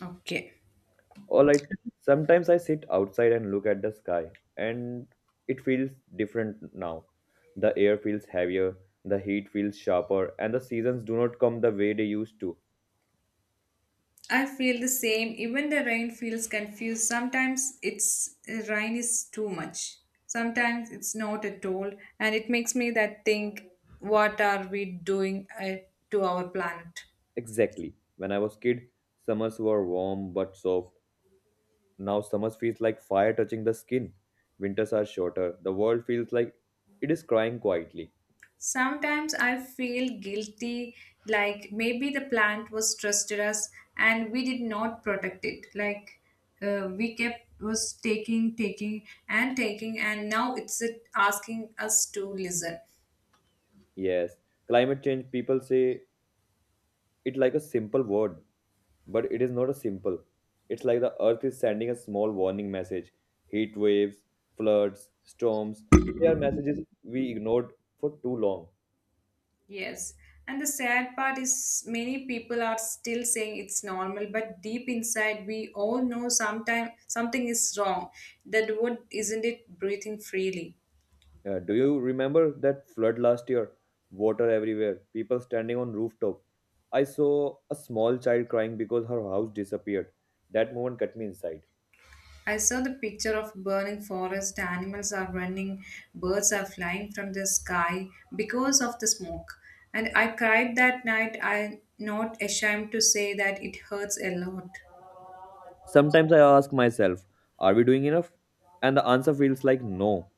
Okay. Alright, sometimes I sit outside and look at the sky, and it feels different now. The air feels heavier, the heat feels sharper, and the seasons do not come the way they used to. I feel the same. Even the rain feels confused. Sometimes it's rain is too much. Sometimes it's not at all, and it makes me that think, what are we doing to our planet? Exactly. When I was kid, summers were warm but soft. Now summers feels like fire touching the skin. Winters are shorter. The world feels like it is crying quietly. Sometimes I feel guilty, like maybe the plant was trusted us and we did not protect it. Like we kept was taking, taking, and taking, and now it's asking us to listen. Yes, climate change people say it like a simple word, but it is not a simple. It's like the earth is sending a small warning message. Heat waves, floods, storms, they are messages we ignored for too long. Yes. And the sad part is many people are still saying it's normal, but deep inside we all know sometime something is wrong. That wood isn't it breathing freely. Do you remember that flood last year? Water everywhere, people standing on rooftop. I saw a small child crying because her house disappeared. That moment cut me inside. I saw the picture of burning forest, animals are running, birds are flying from the sky because of the smoke. And I cried that night. I'm not ashamed to say that it hurts a lot. Sometimes I ask myself, are we doing enough? And the answer feels like no.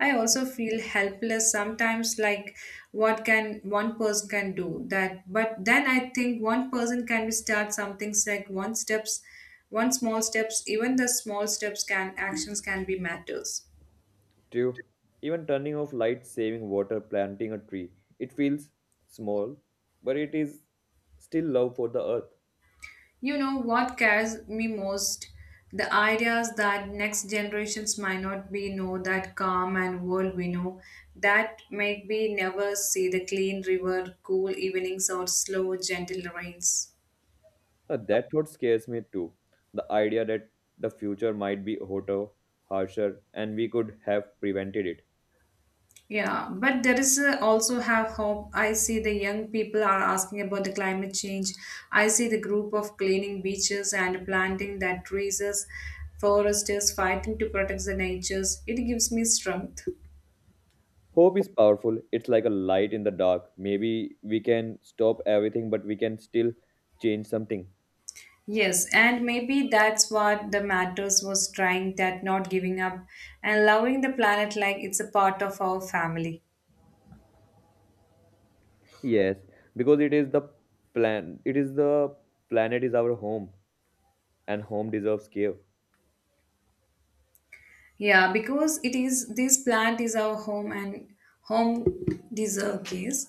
I also feel helpless sometimes like what can one person can do that, but then I think one person can be start something like one steps, one small steps, even the small steps can actions can be matters. Two, even turning off lights, saving water, planting a tree. It feels small, but it is still love for the earth. You know what scares me most, the ideas that next generations might not be know that calm and world we know, that might be never see the clean river, cool evenings or slow gentle rains. That thought scares me too. The idea that the future might be hotter, harsher, and we could have prevented it. Yeah, but there is also have hope. I see the young people are asking about the climate change. I see the group of cleaning beaches and planting that trees, foresters fighting to protect the natures. It gives me strength. Hope is powerful. It's like a light in the dark. Maybe we can stop everything, but we can still change something. Yes, and maybe that's what the matters was trying, that not giving up and loving the planet like it's a part of our family. Yes, because it is the plan. It is the planet is our home, and home deserves care. Yeah, because it is this plant is our home and home deserve case.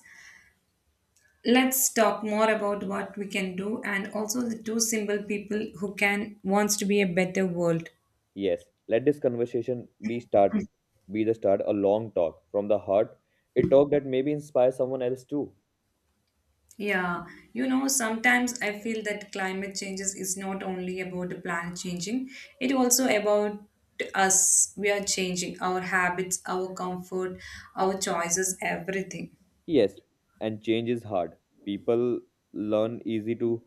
Let's talk more about what we can do and also the two simple people who can wants to be a better world. Yes, let this conversation be start be the start a long talk from the heart, a talk that maybe inspires someone else too. Yeah, you know, sometimes I feel that climate changes is not only about the planet changing, it also about us. We are changing our habits, our comfort, our choices, everything. Yes, and change is hard. People learn easy to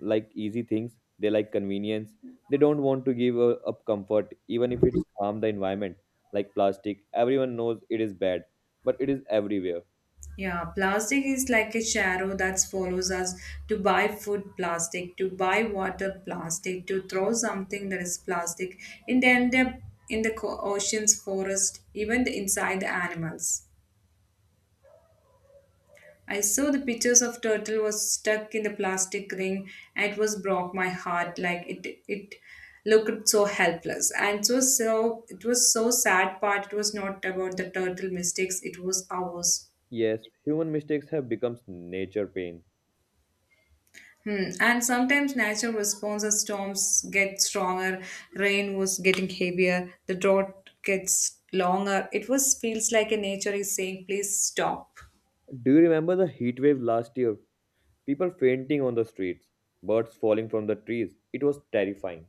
like easy things. They like convenience. They don't want to give up comfort, even if it's harm the environment, like plastic. Everyone knows it is bad, but it is everywhere. Yeah, plastic is like a shadow that follows us to buy food plastic, to buy water plastic, to throw something that is plastic, and end up in the oceans, forest, even inside the animals. I saw the pictures of turtle was stuck in the plastic ring and it was broke my heart like it looked so helpless and it was so sad part, it was not about the turtle mistakes, it was ours. Yes, human mistakes have become nature pain. Hmm. And sometimes natural responses, storms get stronger, rain was getting heavier, the drought gets longer. It was feels like a nature is saying, please stop. Do you remember the heat wave last year? People fainting on the streets, birds falling from the trees. It was terrifying.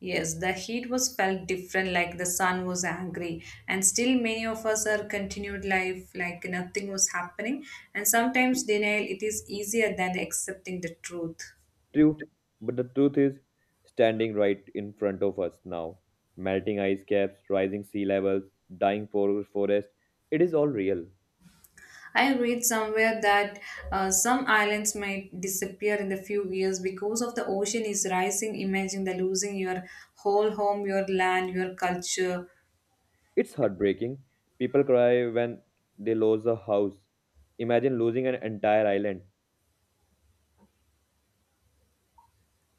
Yes, the heat was felt different, like the sun was angry, and still many of us are continued life like nothing was happening. And sometimes denial it is easier than accepting the truth. True, but the truth is standing right in front of us now. Melting ice caps, rising sea levels, dying forest. It is all real. I read somewhere that some islands might disappear in the few years because of the ocean is rising. Imagine the losing your whole home, your land, your culture. It's heartbreaking. People cry when they lose a house. Imagine losing an entire island.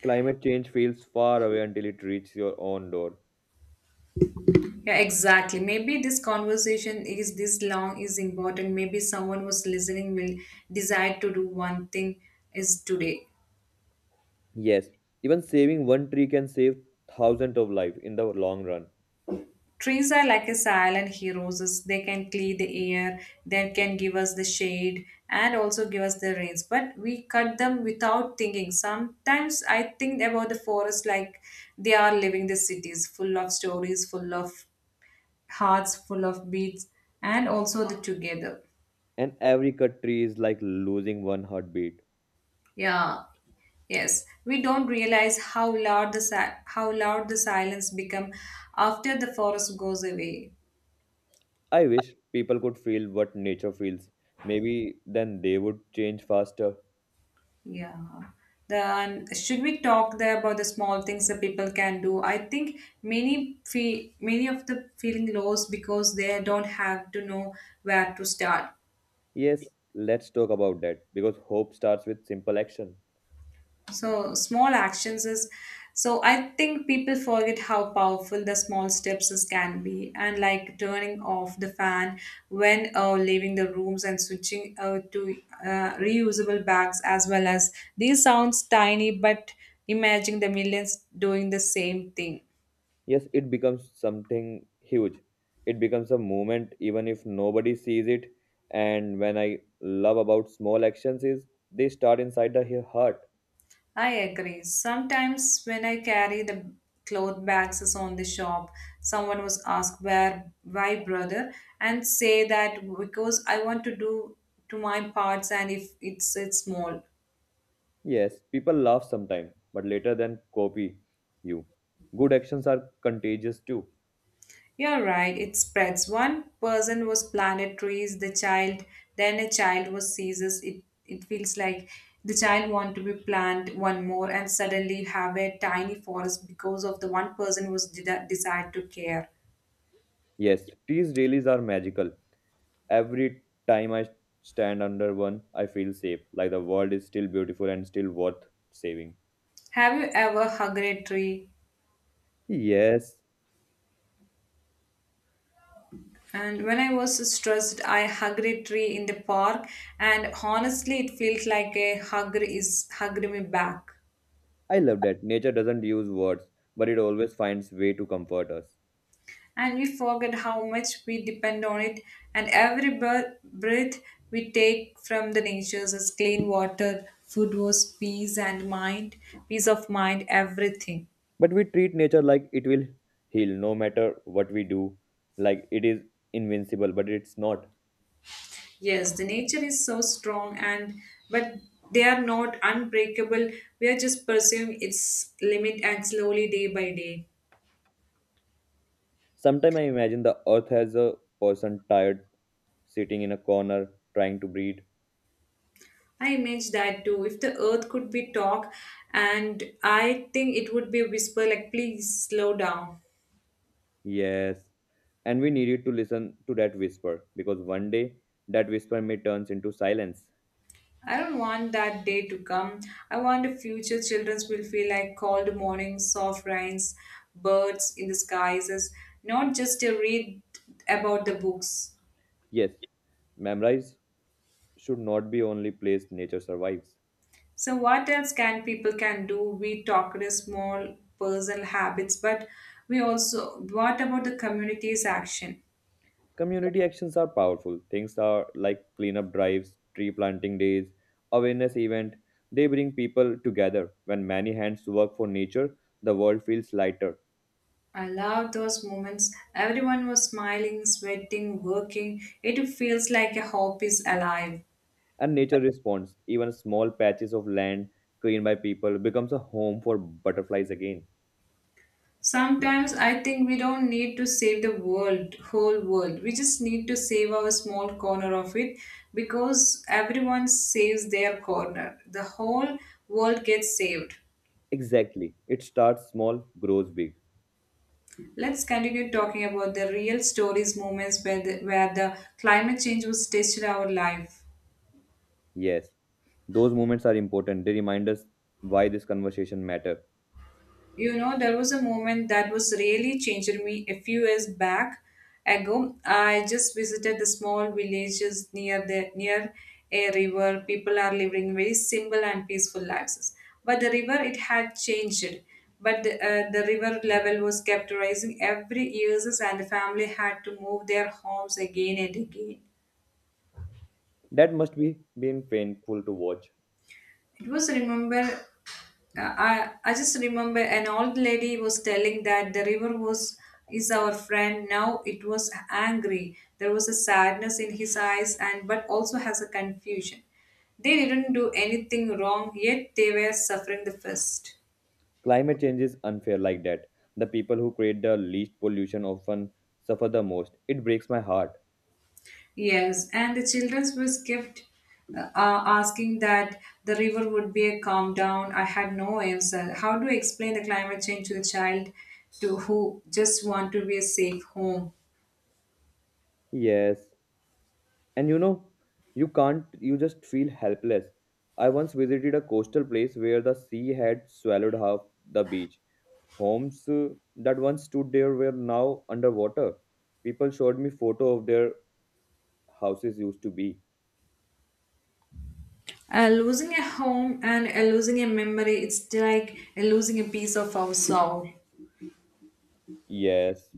Climate change feels far away until it reaches your own door. Yeah, exactly. Maybe this conversation is this long is important. Maybe someone was listening will decide to do one thing is today. Yes, even saving one tree can save thousands of lives in the long run. Trees are like a silent heroes. As They can clear the air, they can give us the shade, and also give us the rains. But we cut them without thinking. Sometimes I think about the forest like they are living the cities, full of stories, full of hearts, full of beats, and also the together. And every cut tree is like losing one heartbeat. Yeah. Yes, we don't realize how loud how loud the silence become after the forest goes away. I wish people could feel what nature feels. Maybe then they would change faster. Yeah. Then should we talk there about the small things that people can do? I think many feel many of the feeling lost because they don't have to know where to start. Yes, let's talk about that because hope starts with simple action. So small actions is, so I think people forget how powerful the small steps is can be, and like turning off the fan when leaving the rooms and switching to reusable bags as well as these sounds tiny, but imagine the millions doing the same thing. Yes, it becomes something huge. It becomes a movement even if nobody sees it. And when I love about small actions is they start inside the heart. I agree. Sometimes when I carry the cloth bags is on the shop, someone was asked where why brother and say that because I want to do to my parts and if it's small. Yes, people laugh sometimes, but later then copy you. Good actions are contagious too. You're right, it spreads. One person was planted trees, the child, then a child was seizes it, it feels like the child want to be plant one more, and suddenly have a tiny forest because of the one person was decide to care. Yes, teas rallies are magical. Every time I stand under one, I feel safe, like the world is still beautiful and still worth saving. Have you ever hugged a tree? Yes, And when I was stressed, I hugged a tree in the park, and honestly, it felt like a hugger is hugged me back. I love that. Nature doesn't use words, but it always finds way to comfort us. And we forget how much we depend on it, and every breath we take from the nature is clean water, food was peace and mind, peace of mind, everything. But we treat nature like it will heal no matter what we do, like it is invincible, but it's not. Yes, the nature is so strong and but they are not unbreakable. We are just pursuing its limit and slowly day by day. Sometimes I imagine the earth as a person tired, sitting in a corner, trying to breathe. I imagine that too. If the earth could be talk, and I think it would be a whisper like please slow down. Yes, and we needed to listen to that whisper because one day that whisper may turns into silence. I don't want that day to come. I want the future children will feel like cold mornings, soft rains, birds in the skies, is not just to read about the books. Yes, memorize should not be only place nature survives. So what else can people can do? We talked a small personal habits, but we also what about the community's action? Community actions are powerful. Things are like cleanup drives, tree planting days, awareness event. They bring people together. When many hands work for nature, the world feels lighter. I love those moments. Everyone was smiling, sweating, working. It feels like a hope is alive. And nature responds. Even small patches of land cleaned by people becomes a home for butterflies again. Sometimes I think we don't need to save the world, whole world. We just need to save our small corner of it because everyone saves their corner. The whole world gets saved. Exactly. It starts small, grows big. Let's continue talking about the real stories moments where the climate change was tested our life. Yes, those moments are important. They remind us why this conversation matter. You know, there was a moment that was really changing me a few years back ago. I just visited the small villages near the near a river. People are living very simple and peaceful lives, but the river it had changed. But the river level was kept rising every years, and the family had to move their homes again and again. That must be been painful to watch. It was remember, I just remember an old lady was telling that the river was is our friend, now it was angry, there was a sadness in his eyes and but also has a confusion, they didn't do anything wrong yet they were suffering the first. Climate change is unfair like that. The people who create the least pollution often suffer the most. It breaks my heart. Yes, and the children was kept uh, asking that the river would be a calm down, I had no answer, how do you explain the climate change to the child to who just want to be a safe home. Yes, and you can't, you just feel helpless. I once visited a coastal place where the sea had swallowed half the beach. Homes that once stood there were now underwater. People showed me photo of their houses used to be. Losing a home and losing a memory, it's like losing a piece of our soul. Yes.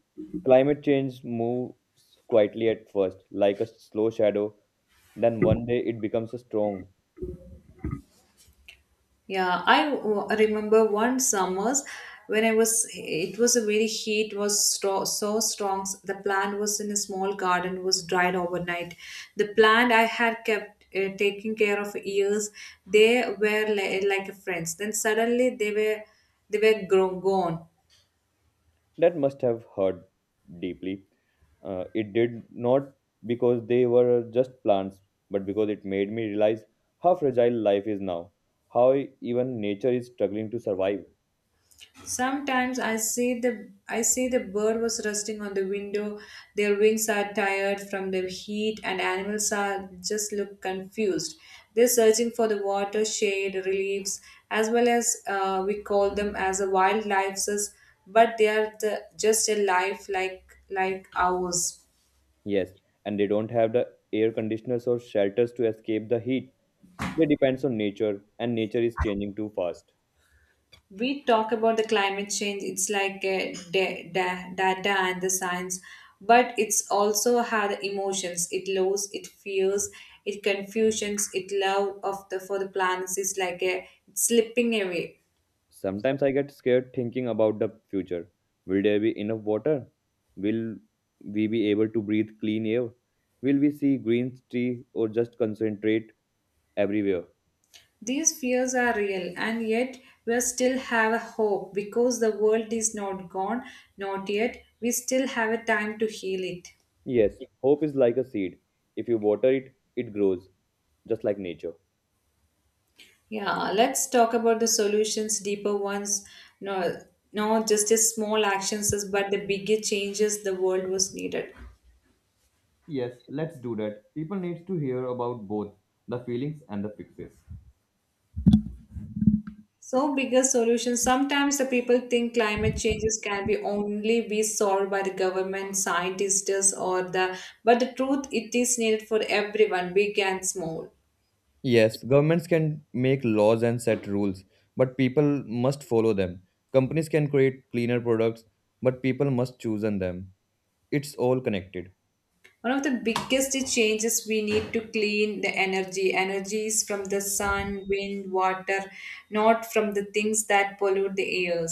Climate change moves quietly at first, like a slow shadow, then one day it becomes a strong. Yeah, remember one summers when I was, it was a very heat was so strong. The plant was in a small garden, was dried overnight. The plant I had kept taking care of years, they were like friends. Then suddenly they were grown, gone. That must have hurt deeply. It did not because they were just plants, but because it made me realize how fragile life is now, how even nature is struggling to survive. Sometimes I see the bird was resting on the window. Their wings are tired from the heat, and animals are just look confused. They're searching for the water, shade, reliefs, as well as we call them as a wildlife, but they are the, just a life like ours. Yes, and they don't have the air conditioners or shelters to escape the heat. They depend on nature, and nature is changing too fast. We talk about the climate change, it's like data and the science, but it's also had emotions, it loves, it fears, it confusions, it love of the for the planets is like a slipping away. Sometimes I get scared thinking about the future. Will there be enough water? Will we be able to breathe clean air? Will we see green tree or just concentrate everywhere? These fears are real, and yet we still have a hope because the world is not gone, not yet, we still have a time to heal it. Yes, hope is like a seed. If you water it, it grows, just like nature. Yeah, let's talk about the solutions, deeper ones. No, no, just as small actions, but the bigger changes the world was needed. Yes, let's do that. People need to hear about both the feelings and the fixes. So, bigger solutions. Sometimes the people think climate changes can be only be solved by the government, scientists, or the. But the truth, it is needed for everyone, big and small. Yes, governments can make laws and set rules, but people must follow them. Companies can create cleaner products, but people must choose on them. It's all connected. One of the biggest changes we need to clean the energy. Energy is from the sun, wind, water, not from the things that pollute the air.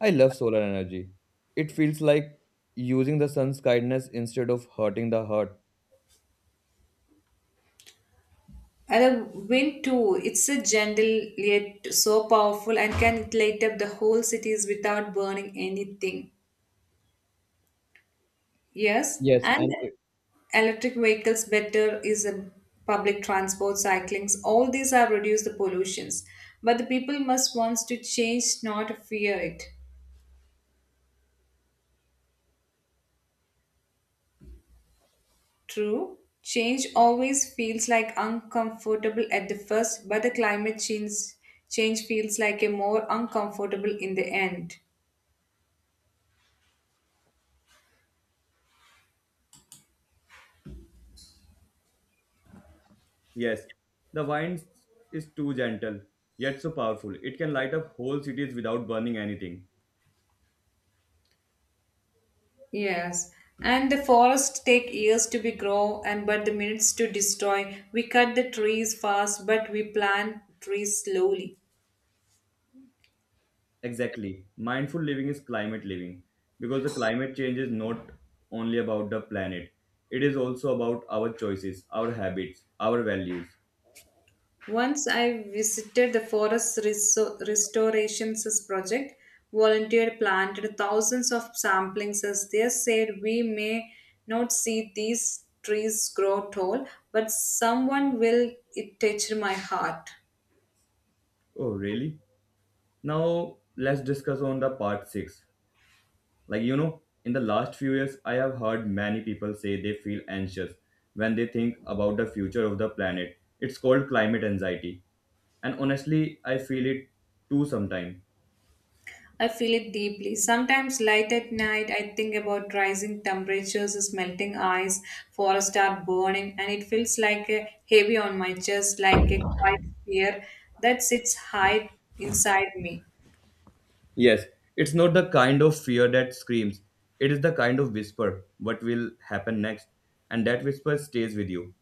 I love solar energy. It feels like using the sun's kindness instead of hurting the heart. And the wind too, it's a gentle yet so powerful and can light up the whole cities without burning anything. Yes, Yes, and and it- electric vehicles better is a public transport, cyclings, all these have reduced the pollutions. But the people must wants to change, not fear it. True, change always feels like uncomfortable at the first, but the climate change change feels like a more uncomfortable in the end. Yes, the wind is too gentle, yet so powerful. It can light up whole cities without burning anything. Yes, and the forests take years to be grow and but the minutes to destroy. We cut the trees fast, but we plant trees slowly. Exactly. Mindful living is climate living because the climate change is not only about the planet, it is also about our choices, our habits, our values. Once I visited the forest restoration project, volunteer planted thousands of samplings as they said we may not see these trees grow tall, but someone will it touch my heart. Oh, really? Now, let's discuss on the part 6. Like, in the last few years, I have heard many people say they feel anxious when they think about the future of the planet. It's called climate anxiety, and honestly I feel it too sometimes. I feel it deeply. Sometimes late at night, I think about rising temperatures, melting ice, forests are burning, and it feels like a heavy on my chest, like a quiet fear that sits high inside me. Yes, it's not the kind of fear that screams. It is the kind of whisper, what will happen next? And that whisper stays with you.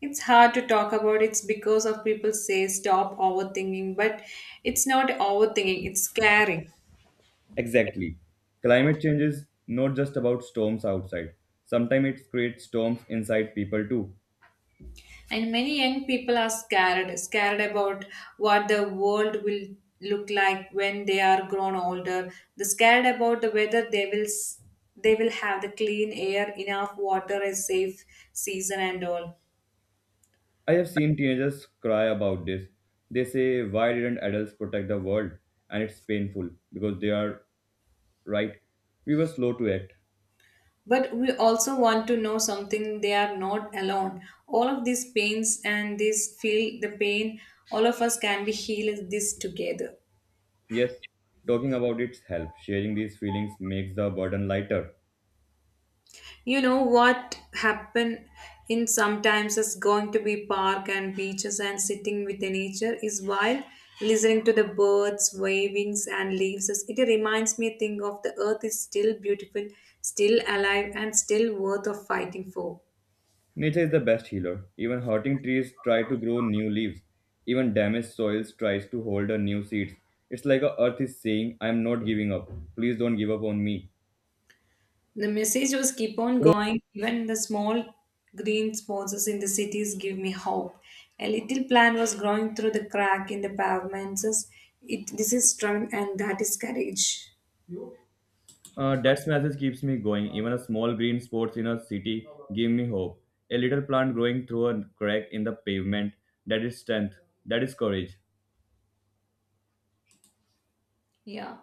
It's hard to talk about it because of people say stop overthinking, but it's not overthinking, it's caring. Exactly. Climate change is not just about storms outside. Sometimes it creates storms inside people too. And many young people are scared, scared about what the world will look like when they are grown older. They're scared about the whether they will they will have the clean air, enough water, a safe season, and all. I have seen teenagers cry about this. They say, "Why didn't adults protect the world?" And it's painful because they are right. We were slow to act. But we also want to know something. They are not alone. All of these pains and this feel the pain. All of us can be healed this together. Yes, talking about its help. Sharing these feelings makes the burden lighter. You know what happen in sometimes is going to be park and beaches and sitting with the nature is wild. Listening to the birds, wavings and leaves, it reminds me thing of the earth is still beautiful, still alive and still worth of fighting for. Nature is the best healer. Even hurting trees try to grow new leaves. Even damaged soils tries to hold a new seeds. It's like a earth is saying, "I am not giving up. Please don't give up on me." The message was keep on going. Even the small green sponsors in the cities give me hope. A little plant was growing through the crack in the pavements. It, this is strength and that is courage. That message keeps me going. Even a small green spots in a city give me hope. A little plant growing through a crack in the pavement. That is strength. That is courage. Yeah.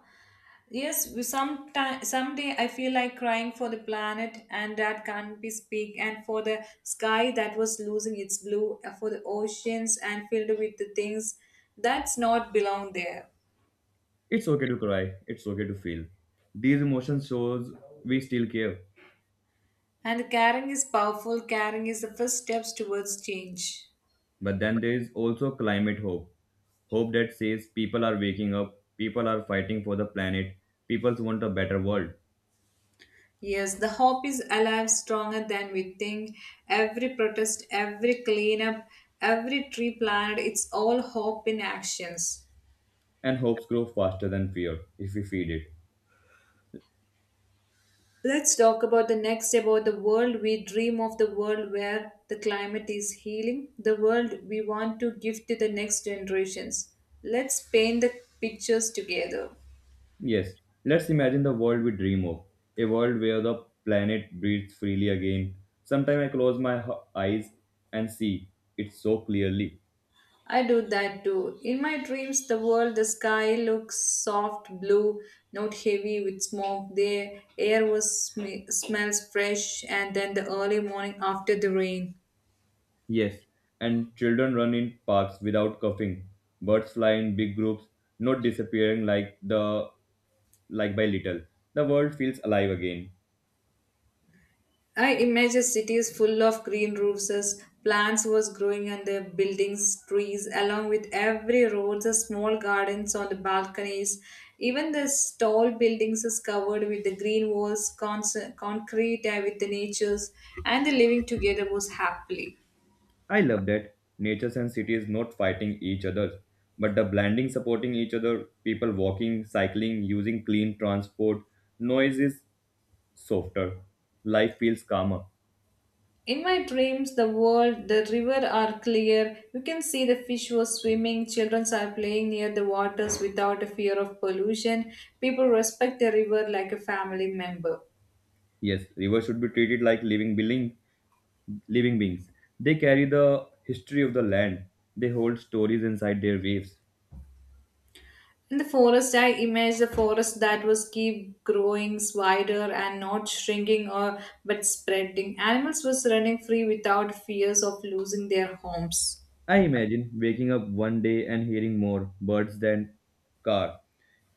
Yes, sometime, someday I feel like crying for the planet and that can't be speak, and for the sky that was losing its blue, and for the oceans and filled with the things that's not belong there. It's okay to cry. It's okay to feel. These emotions shows we still care. And caring is powerful. Caring is the first steps towards change. But then there is also climate hope. Hope that says people are waking up, people are fighting for the planet, people want a better world. Yes, the hope is alive, stronger than we think. Every protest, every cleanup, every tree planted, it's all hope in actions. And hopes grow faster than fear if we feed it. Let's talk about the next about the world we dream of, the world where the climate is healing, the world we want to give to the next generations. Let's paint the pictures together. Yes, let's imagine the world we dream of a world where the planet breathes freely again. Sometimes I close my eyes and see it so clearly. I do that too. In my dreams, the world, the sky looks soft blue, not heavy with smoke. The air was smells fresh, and then the early morning after the rain. Yes, and children run in parks without coughing. Birds fly in big groups, not disappearing like the like by little. The world feels alive again. I imagine cities full of green roofs, as plants was growing on the buildings, trees, along with every road, the small gardens on the balconies. Even the tall buildings is covered with the green walls, concrete with the natures, and the living together was happily. I love that. Natures and cities not fighting each other, but the blending supporting each other, people walking, cycling, using clean transport. Noise is softer. Life feels calmer. In my dreams, the world, the river are clear. You can see the fish was swimming. Children are playing near the waters without a fear of pollution. People respect the river like a family member. Yes, rivers should be treated like living building. Living beings. They carry the history of the land. They hold stories inside their waves. In the forest, I imagine a forest that was keep growing wider and not shrinking or but spreading. Animals was running free without fears of losing their homes. I imagine waking up one day and hearing more birds than car,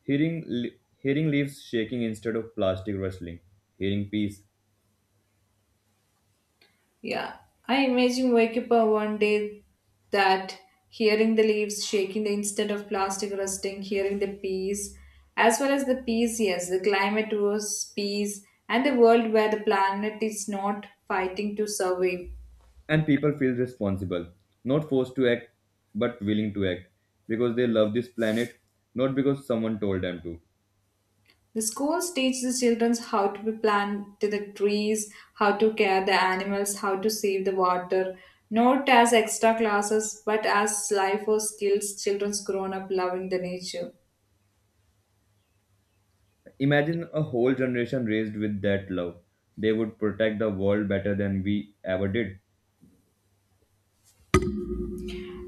hearing leaves shaking instead of plastic rustling, hearing peace, Yeah, I imagine wake up one day that hearing the leaves shaking, the instant of plastic rusting, hearing the peas, as well as the peas. Yes, the climate was peas, and the world where the planet is not fighting to survive. and people feel responsible, not forced to act, but willing to act because they love this planet, not because someone told them to. The schools teach the children how to plant the trees, how to care the animals, how to save the water, not as extra classes, but as life or skills children's grown up loving the nature. Imagine a whole generation raised with that love. They would protect the world better than we ever did.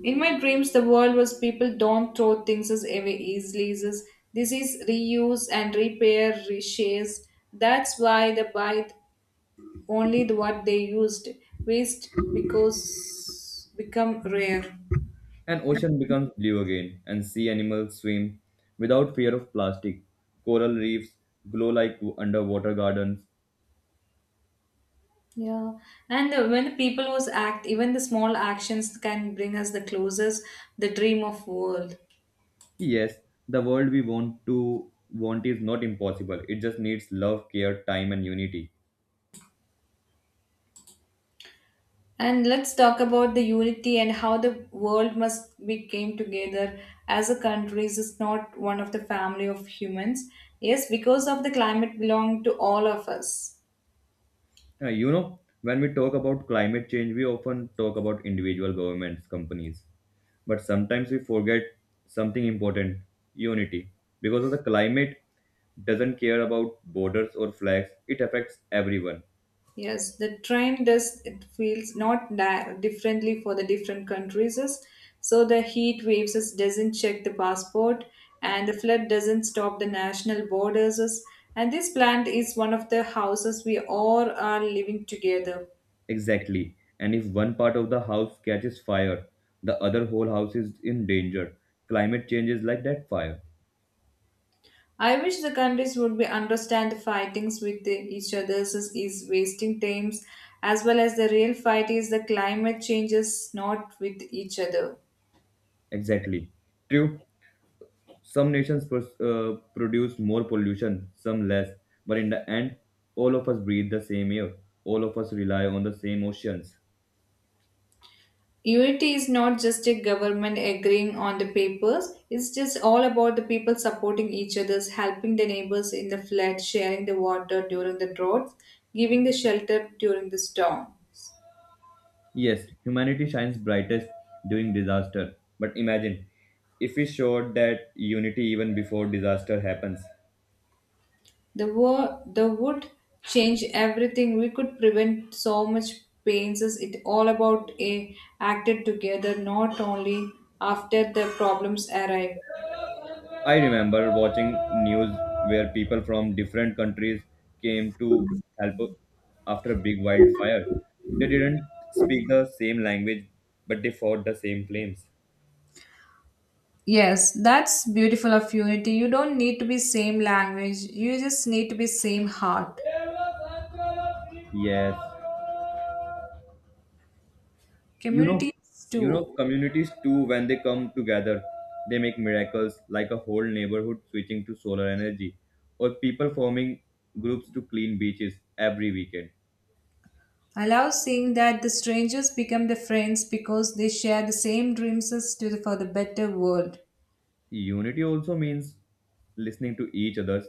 In my dreams, the world was people don't throw things as away easily. This is reuse and repair, reshares. That's why the buy only what they used. Waste because become rare. An ocean becomes blue again, and sea animals swim without fear of plastic. Coral reefs glow like underwater gardens. Yeah, and when the people who's act, even the small actions can bring us the closest, the dream of world. Yes, the world we want to want is not impossible. It just needs love, care, time, and unity. And let's talk about the unity and how the world must be came together as a countries is not one of the family of humans. Yes, because of the climate belong to all of us. You know, when we talk about climate change, we often talk about individual governments, companies, but sometimes we forget something important: unity. Because of the climate, doesn't care about borders or flags. It affects everyone. Yes, the trend does it feels not differently for the different countries. Is- So the heat waves is- doesn't check the passport, and the flood doesn't stop the national borders. Is- And this plant is one of the houses we all are living together. Exactly. And if one part of the house catches fire, the other whole house is in danger. Climate change is like that fire. I wish the countries would be understand the fightings with the, each others is wasting times, as well as the real fight is the climate changes not with each other. Exactly. True. Some nations produce more pollution, some less. But in the end, all of us breathe the same air. All of us rely on the same oceans. Unity is not just a government agreeing on the papers, it's just all about the people supporting each others, helping the neighbors in the flood, sharing the water during the droughts, giving the shelter during the storms. Yes, humanity shines brightest during disaster. But imagine if we showed that unity even before disaster happens. The war the would change everything. We could prevent so much pains. It's all about a acted together, not only after the problems arrive. I remember watching news where people from different countries came to help after a big wildfire. They didn't speak the same language, but they fought the same flames. Yes, that's beautiful of unity. You don't need to be same language. You just need to be same heart. Yes. You know, Communities you know, too. communities too when they come together, they make miracles like a whole neighborhood switching to solar energy or people forming groups to clean beaches every weekend. Allow seeing that the strangers become the friends because they share the same dreams as to for the better world. Unity also means listening to each other,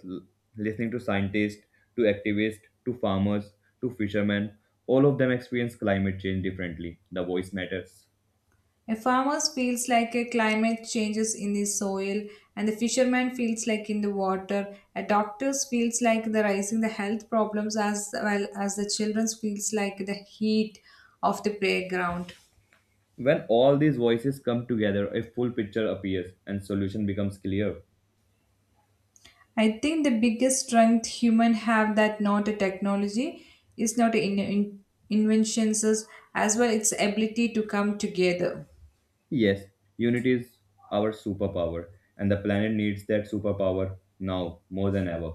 listening to scientists, to activists, to farmers, to fishermen. All of them experience climate change differently. The voice matters. A farmer feels like a climate changes in the soil, and the fisherman feels like in the water. A doctor feels like the rising the health problems as well as the children feels like the heat of the playground. When all these voices come together, a full picture appears and solution becomes clear. I think the biggest strength human have that not a technology is not inventions as well its ability to come together. Yes, unity is our superpower, and the planet needs that superpower now more than ever.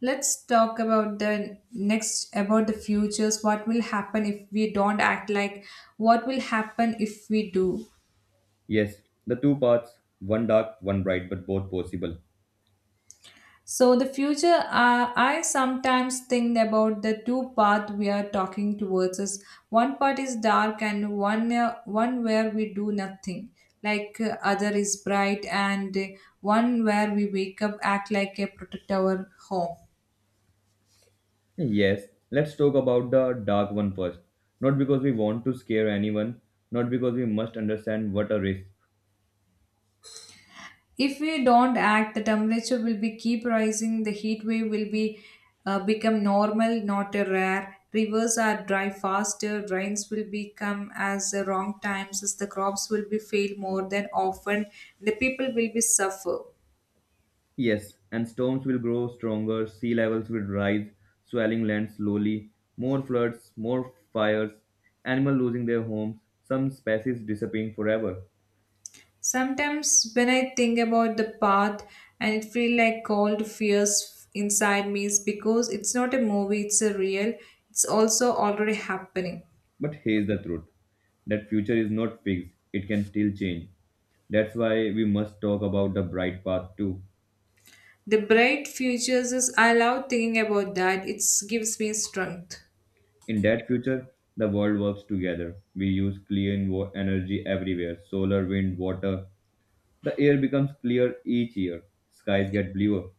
Let's talk about the next about the futures. What will happen if we don't act like? What will happen if we do? Yes, the two paths, one dark, one bright, but both possible. So the future, I sometimes think about the two path we are talking towards us. One part is dark and one where we do nothing, other is bright and one where we wake up act like a protect our home. Yes, let's talk about the dark one first. Not because we want to scare anyone, not because we must understand what a risk. If we don't act, the temperature will be keep rising. The heat wave will be become normal, not a rare. Rivers are dry faster. Rains will become as the wrong times. As the crops will be fail more than often. The people will be suffer. Yes, and storms will grow stronger, sea levels will rise, swelling land slowly, more floods, more fires, animals losing their homes, some species disappearing forever. Sometimes when I think about the path, and it feel like cold fears inside me, is because it's not a movie. It's a real. It's also already happening. But here's the truth that future is not fixed, it can still change. That's why we must talk about the bright path too. The bright futures is I love thinking about that. It gives me strength. In that future, the world works together. We use clean energy everywhere solar, wind, water. The air becomes clear each year. Skies get bluer.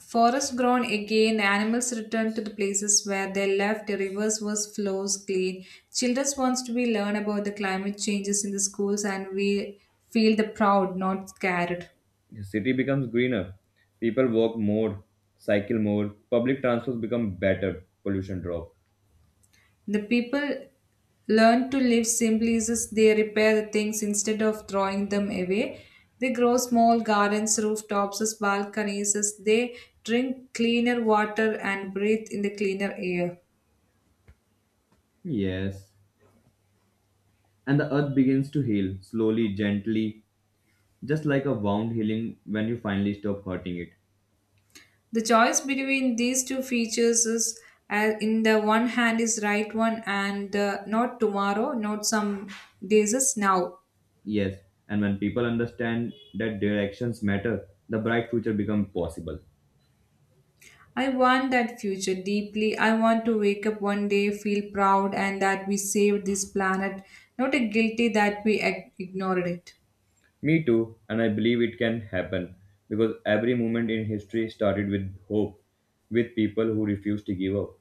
Forests grown again, animals return to the places where they left, the rivers was flows clean. Children wants to be learn about the climate changes in the schools and we feel the proud, not scared. The city becomes greener. People walk more, cycle more. Public transports become better. Pollution drop. The people learn to live simply as they repair the things instead of throwing them away. They grow small gardens, rooftops, as balconies, as they drink cleaner water and breathe in the cleaner air. Yes. And the earth begins to heal slowly, gently, just like a wound healing when you finally stop hurting it. The choice between these two features is in the one hand is right one and not tomorrow, not some days is now. Yes. And when people understand that their actions matter, the bright future becomes possible. I want that future deeply. I want to wake up one day, feel proud, and that we saved this planet, not a guilty that we ignored it. Me too, and I believe it can happen because every movement in history started with hope, with people who refused to give up.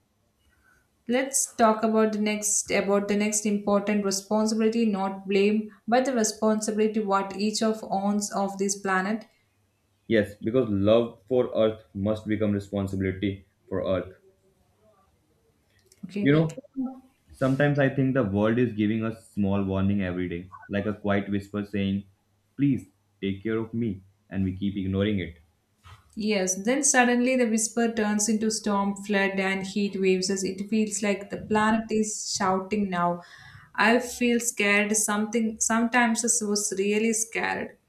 Let's talk about the next important responsibility, not blame, but the responsibility what each of owns of this planet. Yes, because love for Earth must become responsibility for Earth. You Okay. know, sometimes I think the world is giving us small warning every day, like a quiet whisper saying, "Please take care of me," and we keep ignoring it. Yes, then suddenly the whisper turns into storm, flood, and heat waves as it feels like the planet is shouting now. I feel scared. Something sometimes I was really scared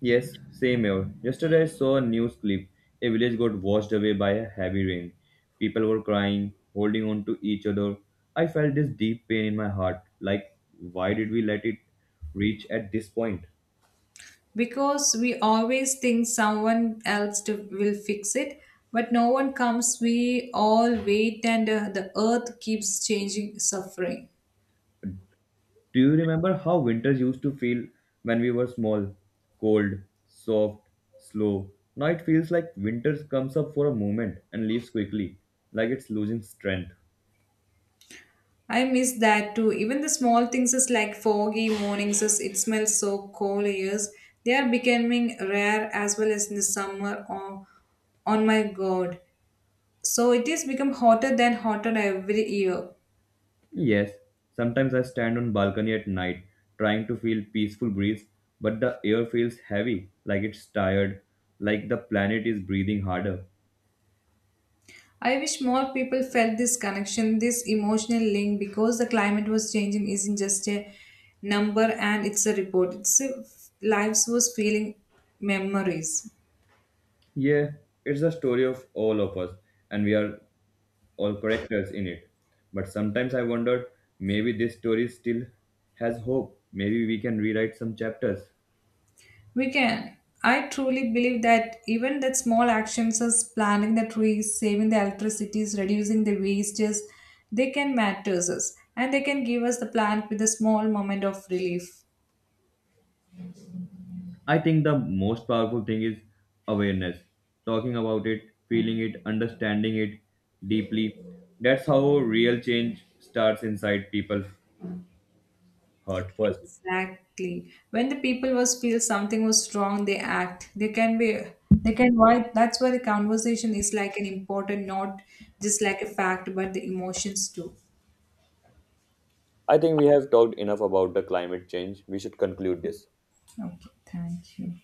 Yes, same here. Yesterday I saw a news clip. A village got washed away by a heavy rain. People were crying, holding on to each other. I felt this deep pain in my heart. Like, why did we let it reach at this point? because we always think someone else to, will fix it, but no one comes. We all wait, and the earth keeps changing, suffering. Do you remember how winters used to feel when we were small? Cold, soft, slow. Now it feels like winter comes up for a moment and leaves quickly, like it's losing strength. I miss that too. Even the small things is like foggy mornings is it smells so cold years. They are becoming rare as well as in the summer on my god. So it is become hotter than hotter every year. Yes, sometimes I stand on balcony at night trying to feel peaceful breeze, but the air feels heavy, like it's tired, like the planet is breathing harder. I wish more people felt this connection, this emotional link because the climate was changing isn't just a number and it's a report. It's a lives was feeling memories. Yeah, it's a story of all of us and we are all characters in it. But sometimes I wonder maybe this story still has hope. Maybe we can rewrite some chapters. We can. I truly believe that even that small actions as planting the trees, saving the electricities, reducing the wastages, they can matter us and they can give us the plant with a small moment of relief. I think the most powerful thing is awareness. Talking about it, feeling it, understanding it deeply. That's how real change starts inside people's heart first. Exactly. When the people was feel something was wrong, they act. They can be they can why that's why the conversation is like an important not just like a fact but the emotions too. I think we have talked enough about the climate change. We should conclude this. Okay, thank you.